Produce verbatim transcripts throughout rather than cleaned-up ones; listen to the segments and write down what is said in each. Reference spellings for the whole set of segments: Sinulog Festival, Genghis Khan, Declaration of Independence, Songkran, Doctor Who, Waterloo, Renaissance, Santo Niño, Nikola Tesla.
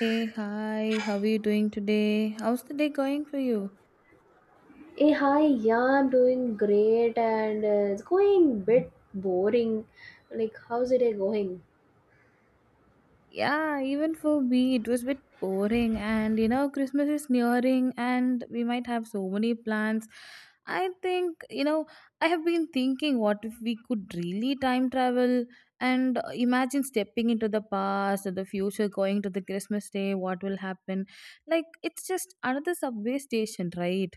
Hey, hi, how are you doing today? How's the day going for you? Hey, hi, yeah, I'm doing great and uh, it's going bit boring. Like, how's it going? Yeah, even for me, it was a bit boring, and you know, Christmas is nearing, and we might have so many plans. I think, you know, I have been thinking what if we could really time travel and uh, imagine stepping into the past or the future, going to the Christmas day, what will happen? Like, it's just another subway station, right?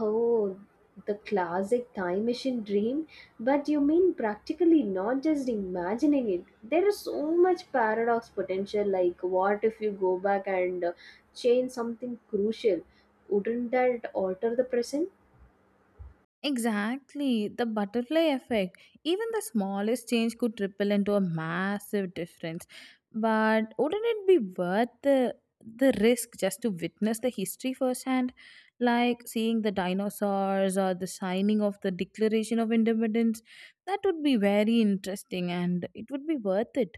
Oh, the classic time machine dream. But you mean practically, not just imagining it. There is so much paradox potential. Like, what if you go back and uh, change something crucial? Wouldn't that alter the present? Exactly, the butterfly effect. Even the smallest change could ripple into a massive difference. But wouldn't it be worth the the risk just to witness the history firsthand, like seeing the dinosaurs or the signing of the Declaration of Independence? That would be very interesting, and it would be worth it.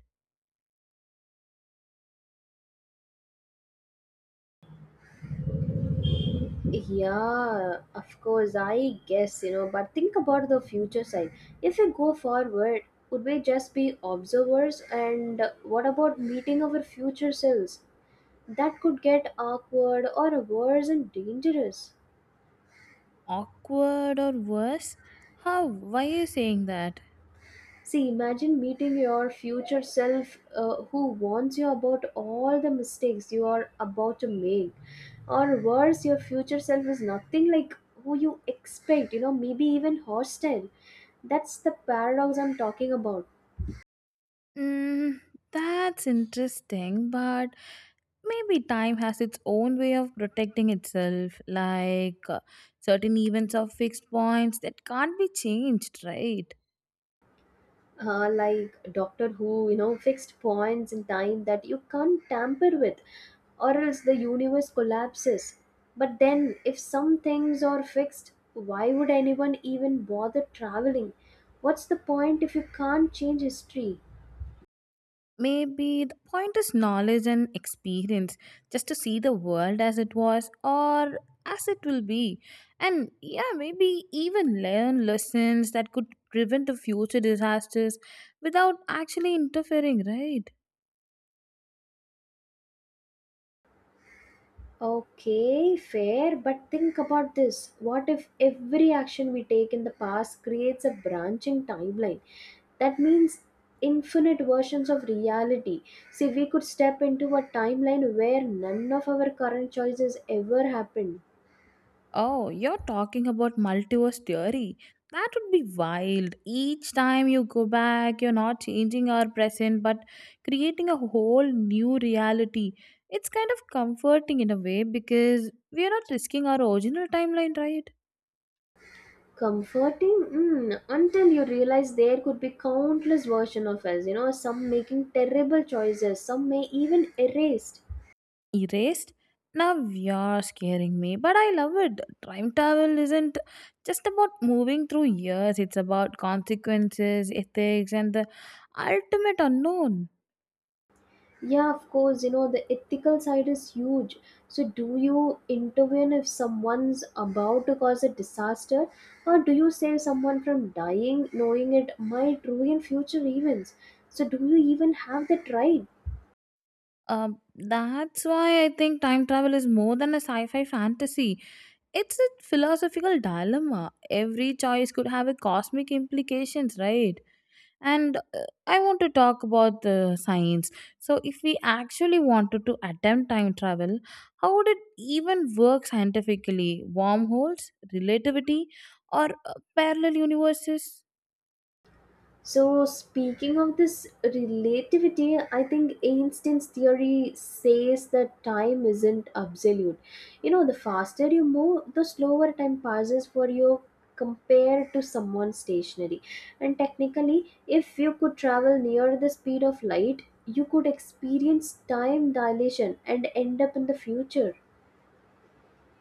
Yeah, of course, I guess, you know, but think about the future side. If we go forward, would we just be observers? And what about meeting our future selves? That could get awkward or worse and dangerous. Awkward or worse? How? Why are you saying that? See, imagine meeting your future self uh, who warns you about all the mistakes you are about to make. Or worse, your future self is nothing like who you expect, you know, maybe even hostile. That's the paradox I'm talking about. Mm, that's interesting, but maybe time has its own way of protecting itself, like uh, certain events are fixed points that can't be changed, right? Uh, like Doctor Who, you know, fixed points in time that you can't tamper with, or else the universe collapses. But then, if some things are fixed, why would anyone even bother traveling? What's the point if you can't change history? Maybe the point is knowledge and experience, just to see the world as it was or as it will be. And yeah, maybe even learn lessons that could prevent the future disasters without actually interfering, right? Okay, fair, but think about this. What if every action we take in the past creates a branching timeline? That means infinite versions of reality. See, we could step into a timeline where none of our current choices ever happened. Oh, you're talking about multiverse theory. That would be wild. Each time you go back, you're not changing our present but creating a whole new reality. It's kind of comforting in a way because we're not risking our original timeline, right? Comforting? Mm, until you realize there could be countless versions of us, you know, some making terrible choices, some may even erased. Erased? Now you're scaring me, but I love it. Time travel isn't just about moving through years, it's about consequences, ethics, and the ultimate unknown. Yeah, of course, you know, the ethical side is huge. So, do you intervene if someone's about to cause a disaster, or do you save someone from dying knowing it might ruin future events? So, do you even have that right? Uh, that's why I think time travel is more than a sci fi fantasy. It's a philosophical dilemma. Every choice could have a cosmic implications, right? And uh, I want to talk about the science. So, if we actually wanted to attempt time travel, how would it even work scientifically? Wormholes, relativity, or uh, parallel universes? So, speaking of this relativity, I think Einstein's theory says that time isn't absolute. You know, the faster you move, the slower time passes for you compared to someone stationary. And technically, if you could travel near the speed of light, you could experience time dilation and end up in the future.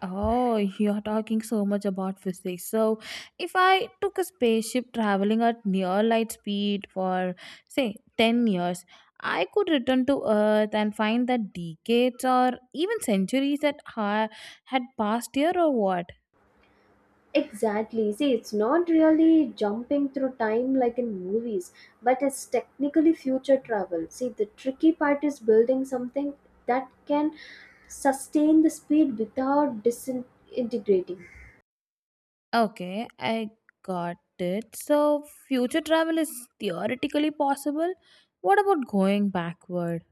Oh, you're talking so much about physics. So, if I took a spaceship traveling at near light speed for, say, ten years, I could return to Earth and find that decades or even centuries that ha- had passed here or what? Exactly. See, it's not really jumping through time like in movies, but it's technically future travel. See, the tricky part is building something that can sustain the speed without disintegrating. Okay, I got it. So, future travel is theoretically possible. What about going backward?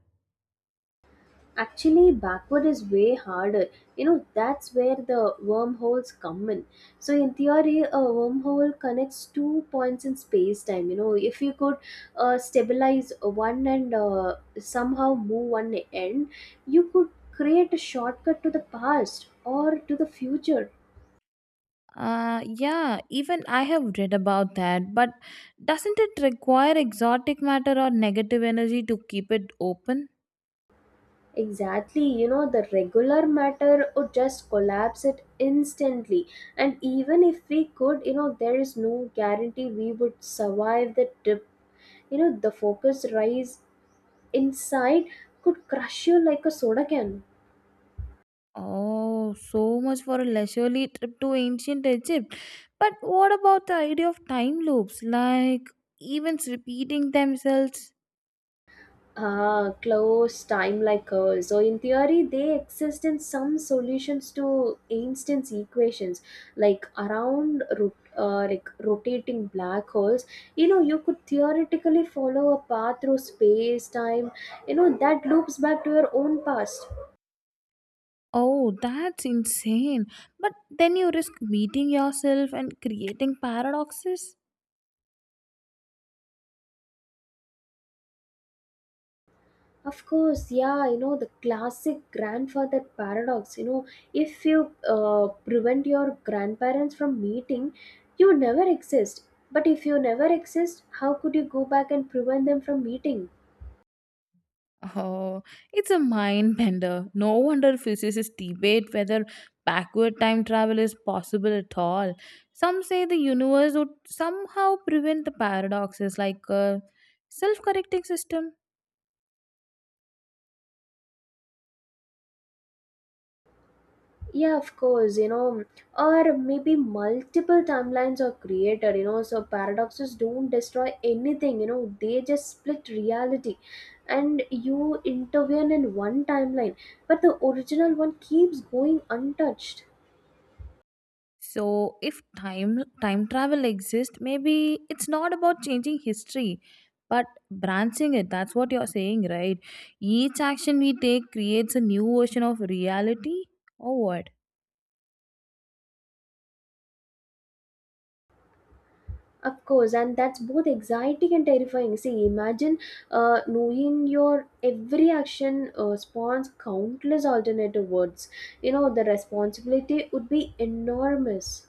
Actually, backward is way harder. You know, that's where the wormholes come in. So, in theory, a wormhole connects two points in space time. You know, if you could uh, stabilize one and uh, somehow move one end, you could create a shortcut to the past or to the future. Uh, yeah, even I have read about that, but doesn't it require exotic matter or negative energy to keep it open? Exactly, you know, the regular matter would just collapse it instantly. And even if we could, you know, there is no guarantee we would survive the dip. You know, the focus rise inside could crush you like a soda can. Oh, so much for a leisurely trip to ancient Egypt. But what about the idea of time loops, like events repeating themselves? Ah, close time like curves. So in theory, they exist in some solutions to Einstein's equations, like around rot- uh, like rotating black holes. You know, you could theoretically follow a path through space time. You know that loops back to your own past. Oh, that's insane. But then you risk meeting yourself and creating paradoxes. Of course, yeah, you know, the classic grandfather paradox. You know, if you uh, prevent your grandparents from meeting, you never exist. But if you never exist, how could you go back and prevent them from meeting? Oh, it's a mind bender. No wonder physicists debate whether backward time travel is possible at all. Some say the universe would somehow prevent the paradoxes like a self-correcting system. Yeah, of course, you know, or maybe multiple timelines are created, you know, so paradoxes don't destroy anything, you know, they just split reality. And you intervene in one timeline, but the original one keeps going untouched. So, if time time travel exists, maybe it's not about changing history, but branching it. That's what you're saying, right? Each action we take creates a new version of reality or what? Of course, and that's both exciting and terrifying. See, imagine uh, knowing your every action uh, spawns countless alternative words. You know, the responsibility would be enormous.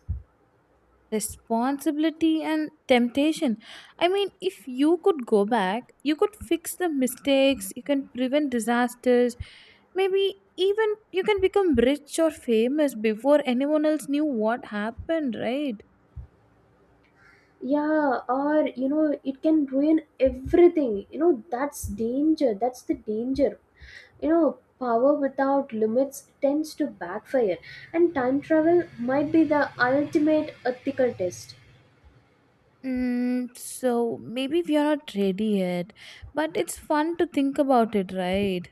Responsibility and temptation. I mean if you could go back, you could fix the mistakes, you can prevent disasters, maybe even you can become rich or famous before anyone else knew what happened, right? Yeah, or you know, it can ruin everything. You know, that's danger. That's the danger. You know, power without limits tends to backfire, and time travel might be the ultimate ethical test. Mm, so maybe we are not ready yet, but it's fun to think about it, right?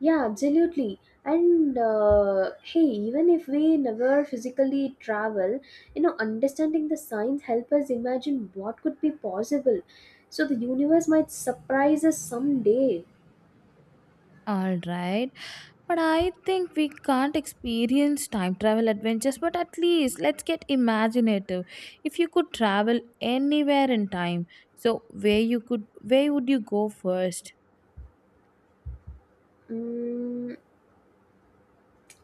Yeah, absolutely. And uh, hey, even if we never physically travel, you know, understanding the science help us imagine what could be possible. So the universe might surprise us someday. Alright. But I think we can't experience time travel adventures, but at least let's get imaginative. If you could travel anywhere in time, so where you could where would you go first? Mm,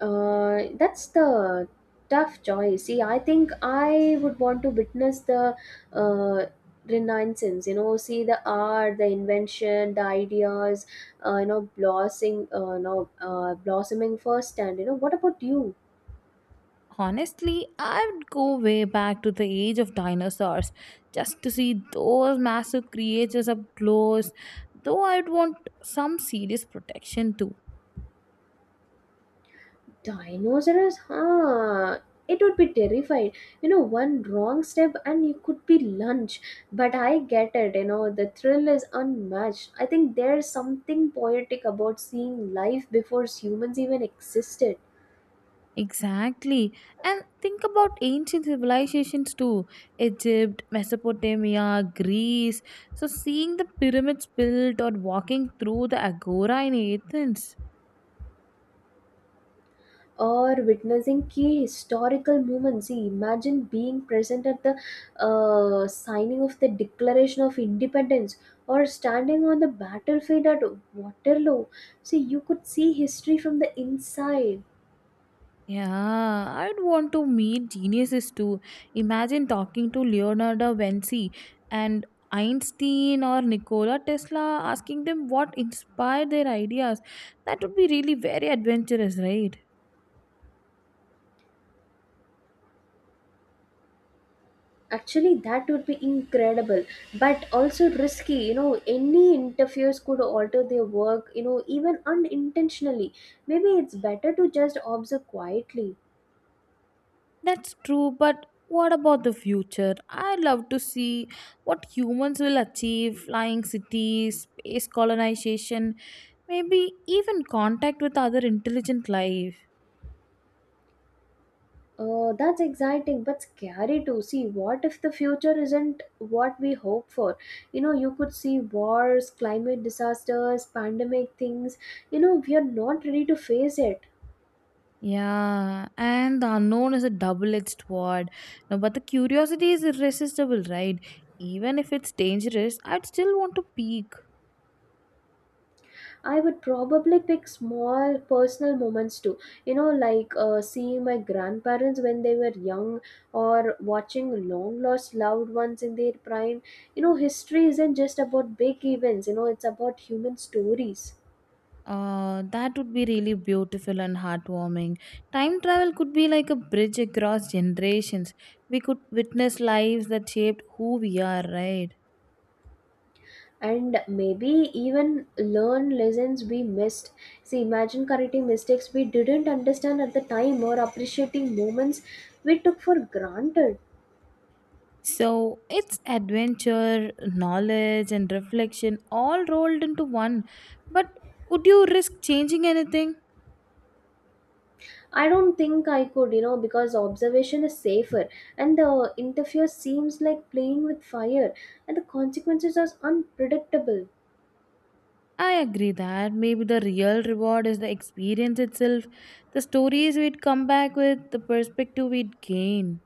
Uh, that's the tough choice. See, I think I would want to witness the uh, renaissance. You know, see the art, the invention, the ideas. Uh, you know, blossoming. Uh, you know, uh, blossoming firsthand. You know, what about you? Honestly, I would go way back to the age of dinosaurs just to see those massive creatures up close, though I'd want some serious protection too. Dinosaurs, huh? It would be terrified. You know, one wrong step and you could be lunch. But I get it, you know, the thrill is unmatched. I think there's something poetic about seeing life before humans even existed Exactly. And think about ancient civilizations too: Egypt, Mesopotamia, Greece. So, seeing the pyramids built or walking through the agora in Athens. or witnessing key historical moments. See, imagine being present at the uh, signing of the Declaration of Independence or standing on the battlefield at Waterloo. See, you could see history from the inside. Yeah, I'd want to meet geniuses too. Imagine talking to Leonardo da Vinci and Einstein or Nikola Tesla, asking them what inspired their ideas. That would be really very adventurous, right? Actually, that would be incredible, but also risky. You know, any interferes could alter their work, you know, even unintentionally. Maybe it's better to just observe quietly. That's true, but what about the future? I love to see what humans will achieve: flying cities, space colonization, maybe even contact with other intelligent life. Uh, that's exciting, but scary too. See, what if the future isn't what we hope for? You know, you could see wars, climate disasters, pandemic things. You know, we are not ready to face it. Yeah, and the unknown is a double edged sword. No, but the curiosity is irresistible, right? Even if it's dangerous, I'd still want to peek. I would probably pick small personal moments too. You know, like uh, seeing my grandparents when they were young or watching long lost loved ones in their prime. You know, history isn't just about big events, you know, it's about human stories. Uh, that would be really beautiful and heartwarming. Time travel could be like a bridge across generations. We could witness lives that shaped who we are, right? And maybe even learn lessons we missed. See, imagine correcting mistakes we didn't understand at the time or appreciating moments we took for granted. So it's adventure, knowledge, and reflection all rolled into one. But would you risk changing anything? I don't think I could, you know, because observation is safer and the interfere seems like playing with fire and the consequences are unpredictable. I agree that maybe the real reward is the experience itself, the stories we'd come back with, the perspective we'd gain.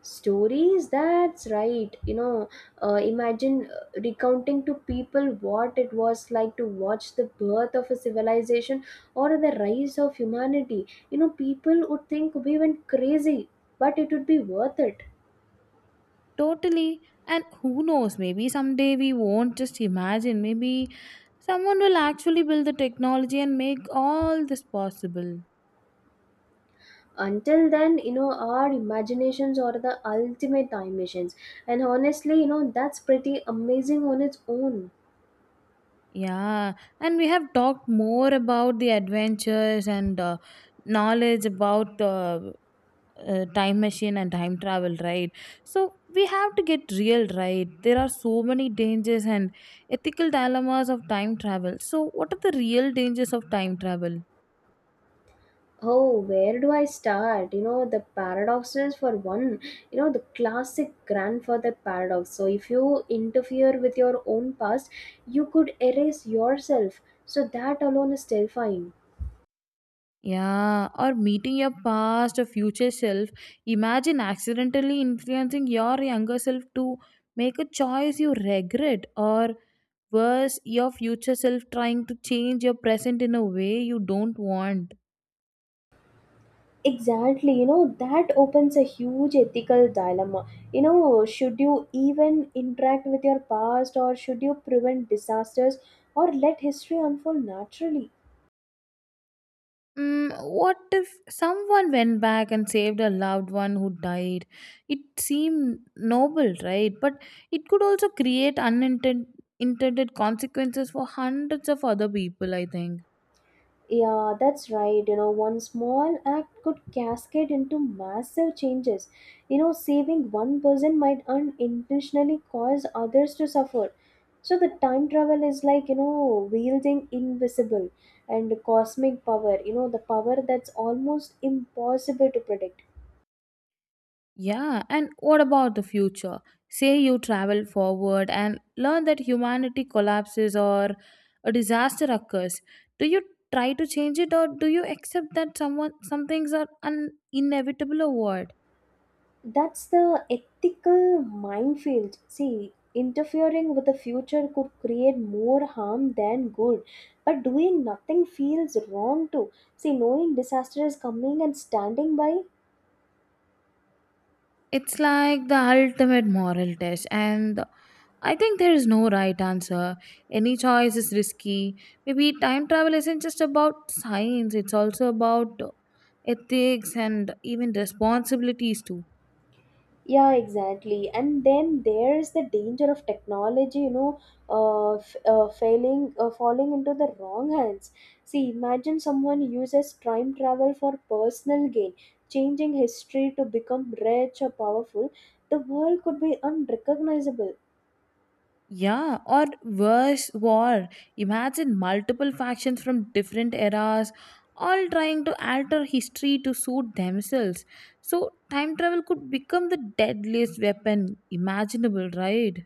Stories, that's right. You know, uh, imagine uh, recounting to people what it was like to watch the birth of a civilization or the rise of humanity. You know, people would think we went crazy, but it would be worth it. Totally. And who knows, maybe someday we won't just imagine. Maybe someone will actually build the technology and make all this possible. Until then, you know, our imaginations are the ultimate time machines, and honestly, you know, that's pretty amazing on its own. Yeah. And we have talked more about the adventures and uh, knowledge about uh, uh, time machine and time travel, right? So we have to get real, right? There are so many dangers and ethical dilemmas of time travel. So, what are the real dangers of time travel? Oh, where do I start? You know, the paradoxes for one. You know, the classic grandfather paradox. So if you interfere with your own past, you could erase yourself, so that alone is terrifying. Yeah, or meeting your past or future self. Imagine accidentally influencing your younger self to make a choice you regret, or worse, your future self trying to change your present in a way you don't want. Exactly, you know, that opens a huge ethical dilemma. You know, should you even interact with your past or should you prevent disasters or let history unfold naturally? Mm, what if someone went back and saved a loved one who died? It seemed noble, right? But it could also create unintended consequences for hundreds of other people, I think. Yeah, that's right. You know, one small act could cascade into massive changes. You know, saving one person might unintentionally cause others to suffer. So the time travel is like, you know, wielding invisible and cosmic power, you know, the power that's almost impossible to predict. Yeah, and what about the future? Say you travel forward and learn that humanity collapses or a disaster occurs. Do you try to change it, or do you accept that someone some things are un- inevitable or what? That's the ethical minefield. See, interfering with the future could create more harm than good. But doing nothing feels wrong too. See, knowing disaster is coming and standing by. It's like the ultimate moral test, and I think there is no right answer. Any choice is risky. Maybe time travel isn't just about science, it's also about ethics and even responsibilities too. Yeah, exactly, and then there's the danger of technology. You know uh, f- uh failing uh, falling into the wrong hands. See, imagine someone uses time travel for personal gain, changing history to become rich or powerful. The world could be unrecognizable. Yeah, or worse, war. Imagine multiple factions from different eras all trying to alter history to suit themselves. So, time travel could become the deadliest weapon imaginable, right?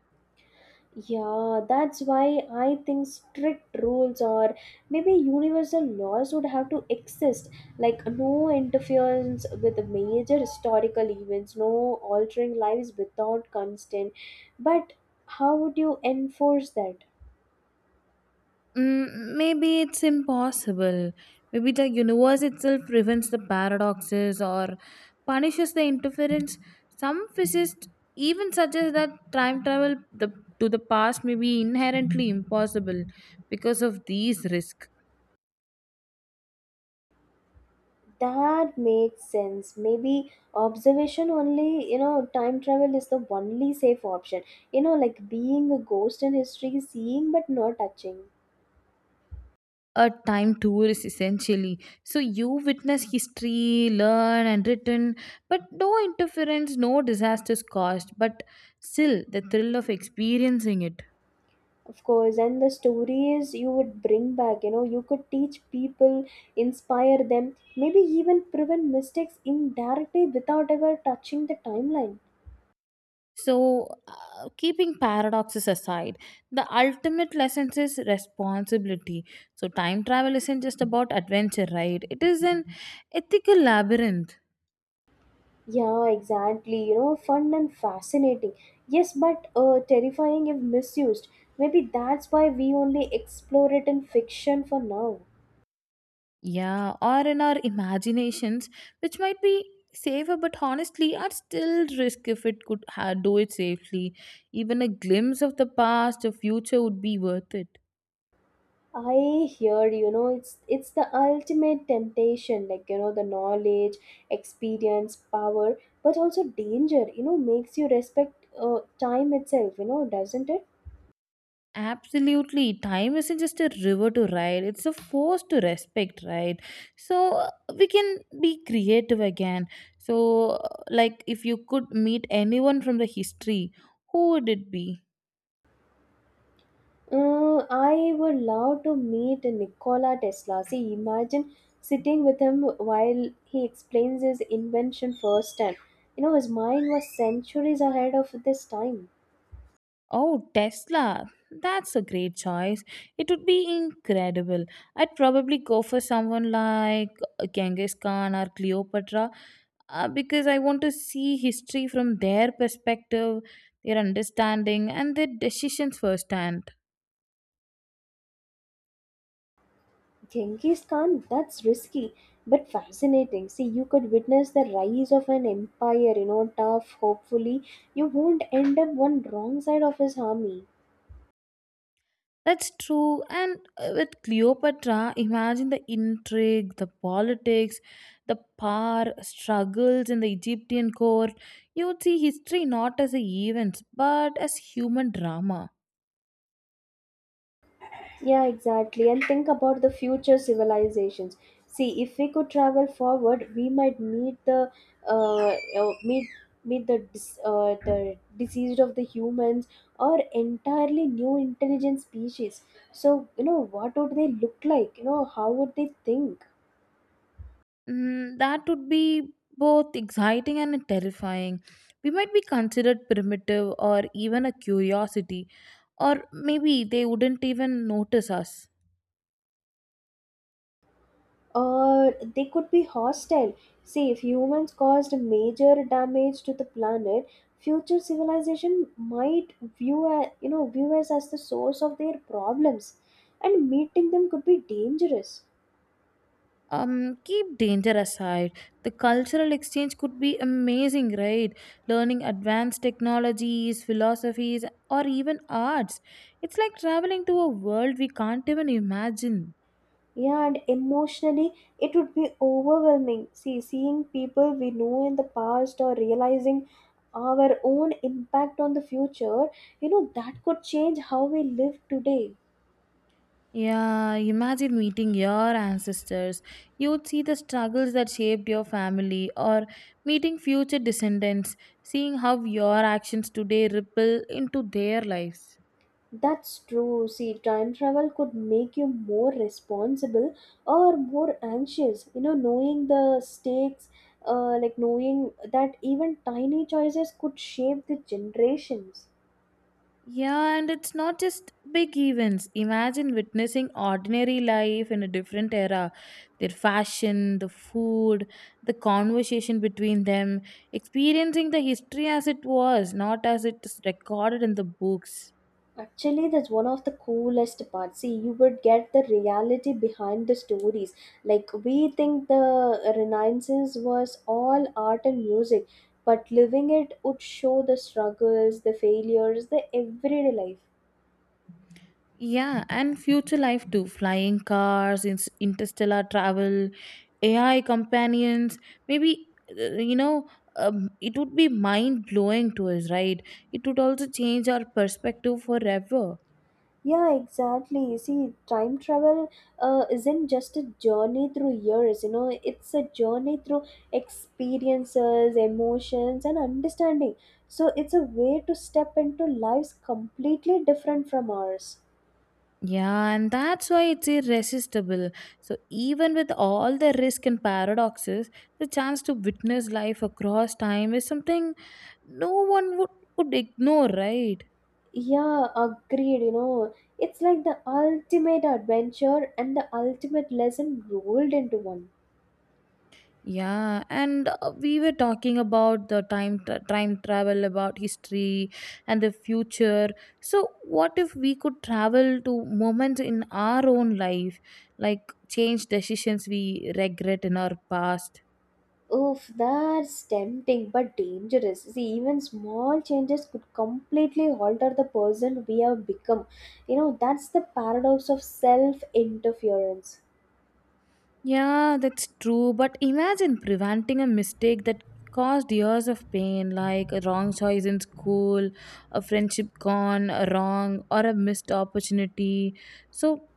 Yeah, that's why I think strict rules or maybe universal laws would have to exist. Like, no interference with major historical events, no altering lives without consent. But how would you enforce that? Mm, maybe it's impossible. Maybe the universe itself prevents the paradoxes or punishes the interference. Some physicists even suggest that time travel the, to the past may be inherently impossible because of these risks. That makes sense. Maybe observation only, you know, time travel is the only safe option. You know, like being a ghost in history, seeing but not touching. A time tour is essentially so you witness history, learn and written, but no interference, no disasters caused, but still the thrill of experiencing it. Of course, and the stories you would bring back, you know, you could teach people, inspire them, maybe even prevent mistakes indirectly without ever touching the timeline. So, uh, keeping paradoxes aside, the ultimate lesson is responsibility. So, time travel isn't just about adventure, right? It is an ethical labyrinth. Yeah, exactly. You know, fun and fascinating. Yes, but uh, terrifying if misused. Maybe that's why we only explore it in fiction for now. Yeah, or in our imaginations, which might be safer but honestly are still risk if it could ha- do it safely. Even a glimpse of the past or future would be worth it. I hear, you know, it's it's the ultimate temptation, like you know, the knowledge, experience, power, but also danger. You know, makes you respect uh, time itself. You know, doesn't it? Absolutely. Time isn't just a river to ride, it's a force to respect, right? So uh, we can be creative again. So, uh, like, if you could meet anyone from the history, who would it be? Uh, I would love to meet Nikola Tesla. See, imagine sitting with him while he explains his invention firsthand. You know, his mind was centuries ahead of this time. Oh, Tesla. That's a great choice. It would be incredible. I'd probably go for someone like uh, Genghis Khan or Cleopatra uh, because I want to see history from their perspective, their understanding, and their decisions firsthand. Genghis Khan, that's risky but fascinating. See, you could witness the rise of an empire, you know, tough, hopefully. You won't end up one wrong side of his army. That's true. And uh, with Cleopatra, imagine the intrigue, the politics, the power struggles in the Egyptian court. You would see history not as a events, but as human drama. Yeah, exactly. And think about the future civilizations. See, if we could travel forward, we might meet the uh, uh, meet meet the dis- uh, the diseased of the humans or entirely new intelligent species. So, you know, what would they look like? You know, how would they think? Mm, that would be both exciting and terrifying. We might be considered primitive or even a curiosity, or maybe they wouldn't even notice us. Or they could be hostile. See, if humans caused major damage to the planet, future civilization might view a- you know view us as the source of their problems, and meeting them could be dangerous. Um, keep danger aside, the cultural exchange could be amazing, right? Learning advanced technologies, philosophies, or even arts. It's like traveling to a world we can't even imagine. Yeah, and emotionally, it would be overwhelming. See, seeing people we know in the past or realizing our own impact on the future, you know, that could change how we live today. Yeah, imagine meeting your ancestors. You'd see the struggles that shaped your family, or meeting future descendants, seeing how your actions today ripple into their lives. That's true. See, time travel could make you more responsible or more anxious. You know, knowing the stakes, uh, like knowing that even tiny choices could shape the generations. Yeah, and it's not just big events. Imagine witnessing ordinary life in a different era. Their fashion, the food, the conversation between them, experiencing the history as it was, not as it's recorded in the books. Actually, that's one of the coolest parts. See, you would get the reality behind the stories. Like, we think the Renaissance was all art and music, but living it would show the struggles, the failures, the everyday life. Yeah, and future life too. Flying cars, in- interstellar travel, A I companions. Maybe, uh, you know, um, it would be mind blowing to us, right? It would also change our perspective forever. Yeah, exactly. You see, time travel uh, isn't just a journey through years, you know, it's a journey through experiences, emotions, and understanding. So, it's a way to step into lives completely different from ours. Yeah, and that's why it's irresistible. So, even with all the risk and paradoxes, the chance to witness life across time is something no one would, would ignore, right? Yeah, agreed. You know, it's like the ultimate adventure and the ultimate lesson rolled into one. Yeah, and uh, we were talking about the time tra- time travel, about history and the future. So, what if we could travel to moments in our own life, like change decisions we regret in our past? Oof, that's tempting but dangerous. See, even small changes could completely alter the person we have become. You know, that's the paradox of self interference. Yeah, that's true. But imagine preventing a mistake that caused years of pain, like a wrong choice in school, a friendship gone wrong, or a missed opportunity. So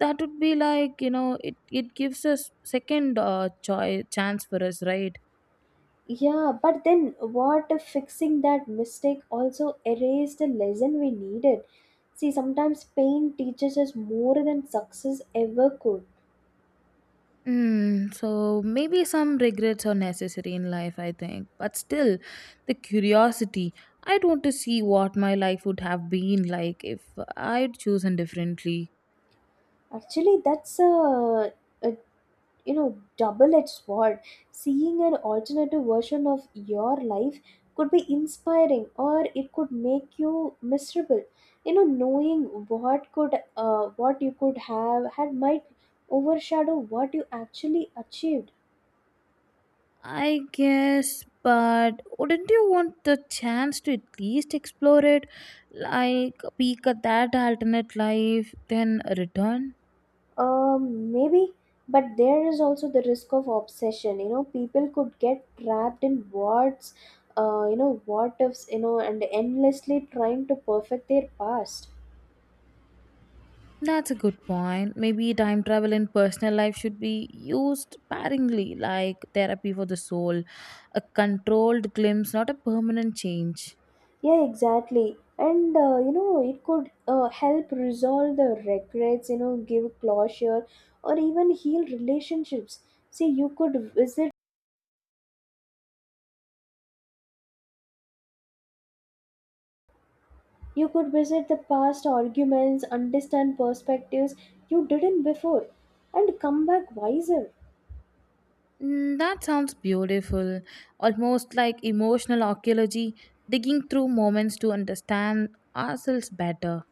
that would be like you know, it it gives us second uh, choice chance for us, right? Yeah, but then what if fixing that mistake also erased the lesson we needed? See, sometimes pain teaches us more than success ever could. Mm, so maybe some regrets are necessary in life, I think. But still, the curiosity. I'd want to see what my life would have been like if I'd chosen differently. Actually, that's a, a you know double-edged sword. Seeing an alternative version of your life could be inspiring, or it could make you miserable. You know, knowing what could uh, what you could have had might overshadow what you actually achieved. I guess, but wouldn't you want the chance to at least explore it? Like, peek at that alternate life, then return? Um maybe, but there is also the risk of obsession. You know, people could get trapped in what's uh, you know what ifs, you know, and endlessly trying to perfect their past. That's a good point. Maybe time travel in personal life should be used sparingly, like therapy for the soul, a controlled glimpse, not a permanent change. Yeah, exactly. And uh, you know, it could uh, help resolve the regrets, you know, give closure or even heal relationships. See, you could visit you could visit the past arguments, understand perspectives you didn't before, and come back wiser. Mm, that sounds beautiful, almost like emotional archaeology, digging through moments to understand ourselves better.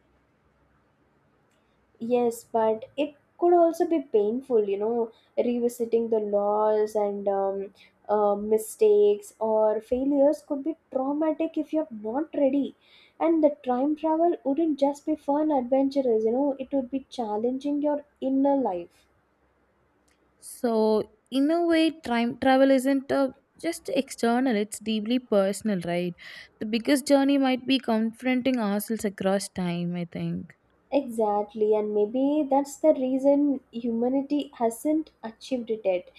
Yes, but it could also be painful, you know, revisiting the laws and um, uh, mistakes or failures could be traumatic if you're not ready. And the time travel wouldn't just be fun adventures, you know, it would be challenging your inner life. So, in a way, time travel isn't uh just external, it's deeply personal, right? The biggest journey might be confronting ourselves across time, I think. Exactly, and maybe that's the reason humanity hasn't achieved it yet.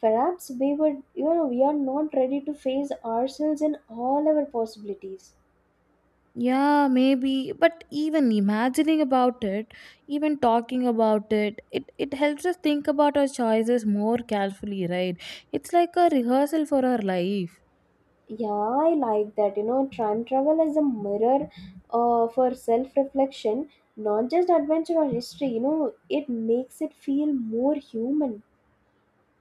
Perhaps we would, you know, we are not ready to face ourselves in all our possibilities. Yeah, maybe, but even imagining about it, even talking about it, it, it helps us think about our choices more carefully, right? It's like a rehearsal for our life. Yeah, I like that. You know, time travel as a mirror uh, for self reflection, not just adventure or history. You know, it makes it feel more human.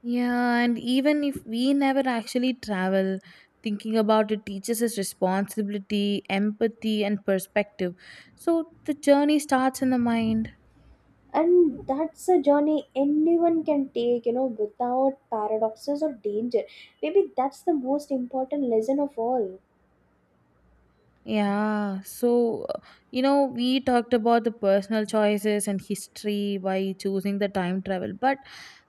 Yeah, and even if we never actually travel, thinking about it teaches us responsibility, empathy, and perspective. So the journey starts in the mind. And that's a journey anyone can take, you know, without paradoxes or danger. Maybe that's the most important lesson of all. Yeah, so uh, you know, we talked about the personal choices and history by choosing the time travel, but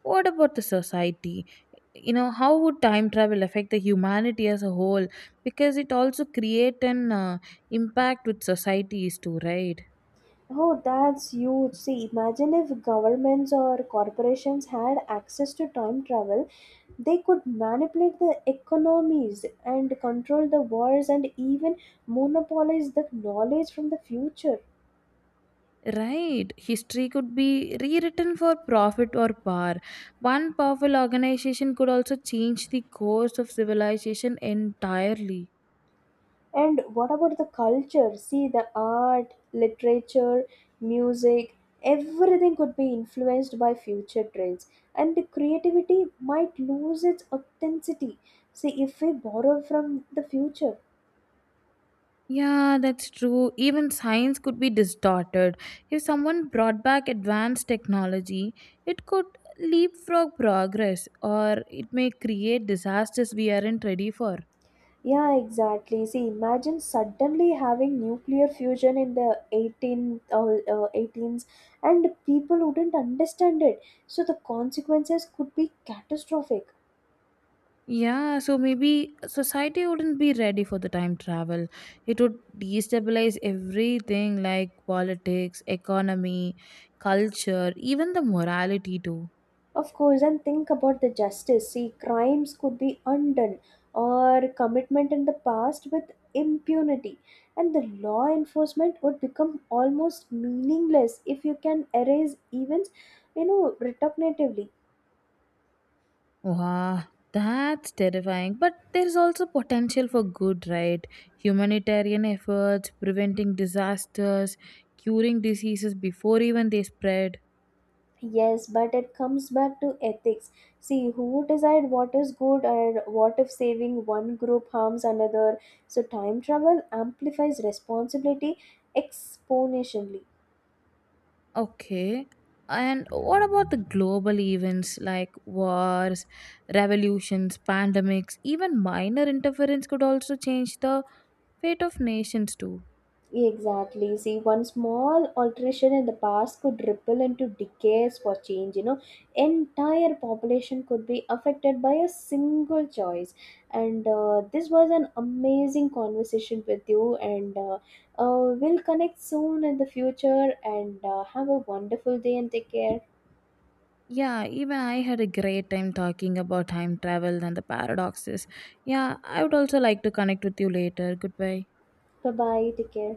what about the society? You know, how would time travel affect the humanity as a whole? Because it also create an uh, impact with societies too, right? Oh, that's huge. See, imagine if governments or corporations had access to time travel. They could manipulate the economies and control the wars and even monopolize the knowledge from the future. Right. History could be rewritten for profit or power. One powerful organization could also change the course of civilization entirely. And what about the culture? See, the art, literature, music, everything could be influenced by future trends. And the creativity might lose its authenticity. See, if we borrow from the future. Yeah, that's true. Even science could be distorted. If someone brought back advanced technology, it could leapfrog progress, or it may create disasters we aren't ready for. Yeah, exactly. See, imagine suddenly having nuclear fusion in the eighteenth or uh, 18s, and people wouldn't understand it. So the consequences could be catastrophic. Yeah, so maybe society wouldn't be ready for the time travel. It would destabilize everything like politics, economy, culture, even the morality too. Of course, and think about the justice. See, crimes could be undone or commitment in the past with impunity, and the law enforcement would become almost meaningless if you can erase events, you know, retroactively. Wow, that's terrifying. But there's also potential for good, right? Humanitarian efforts, preventing disasters, curing diseases before even they spread. Yes, but it comes back to ethics. See, who decide what is good, and what if saving one group harms another? So time travel amplifies responsibility exponentially. Okay. And what about the global events like wars, revolutions, pandemics, even minor interference could also change the fate of nations too. Exactly. See, one small alteration in the past could ripple into decades for change. You know, entire population could be affected by a single choice. And uh, this was an amazing conversation with you. And uh, uh, we'll connect soon in the future. And uh, have a wonderful day and take care. Yeah, even I had a great time talking about time travel and the paradoxes. Yeah, I would also like to connect with you later. Goodbye. Bye bye. Take care.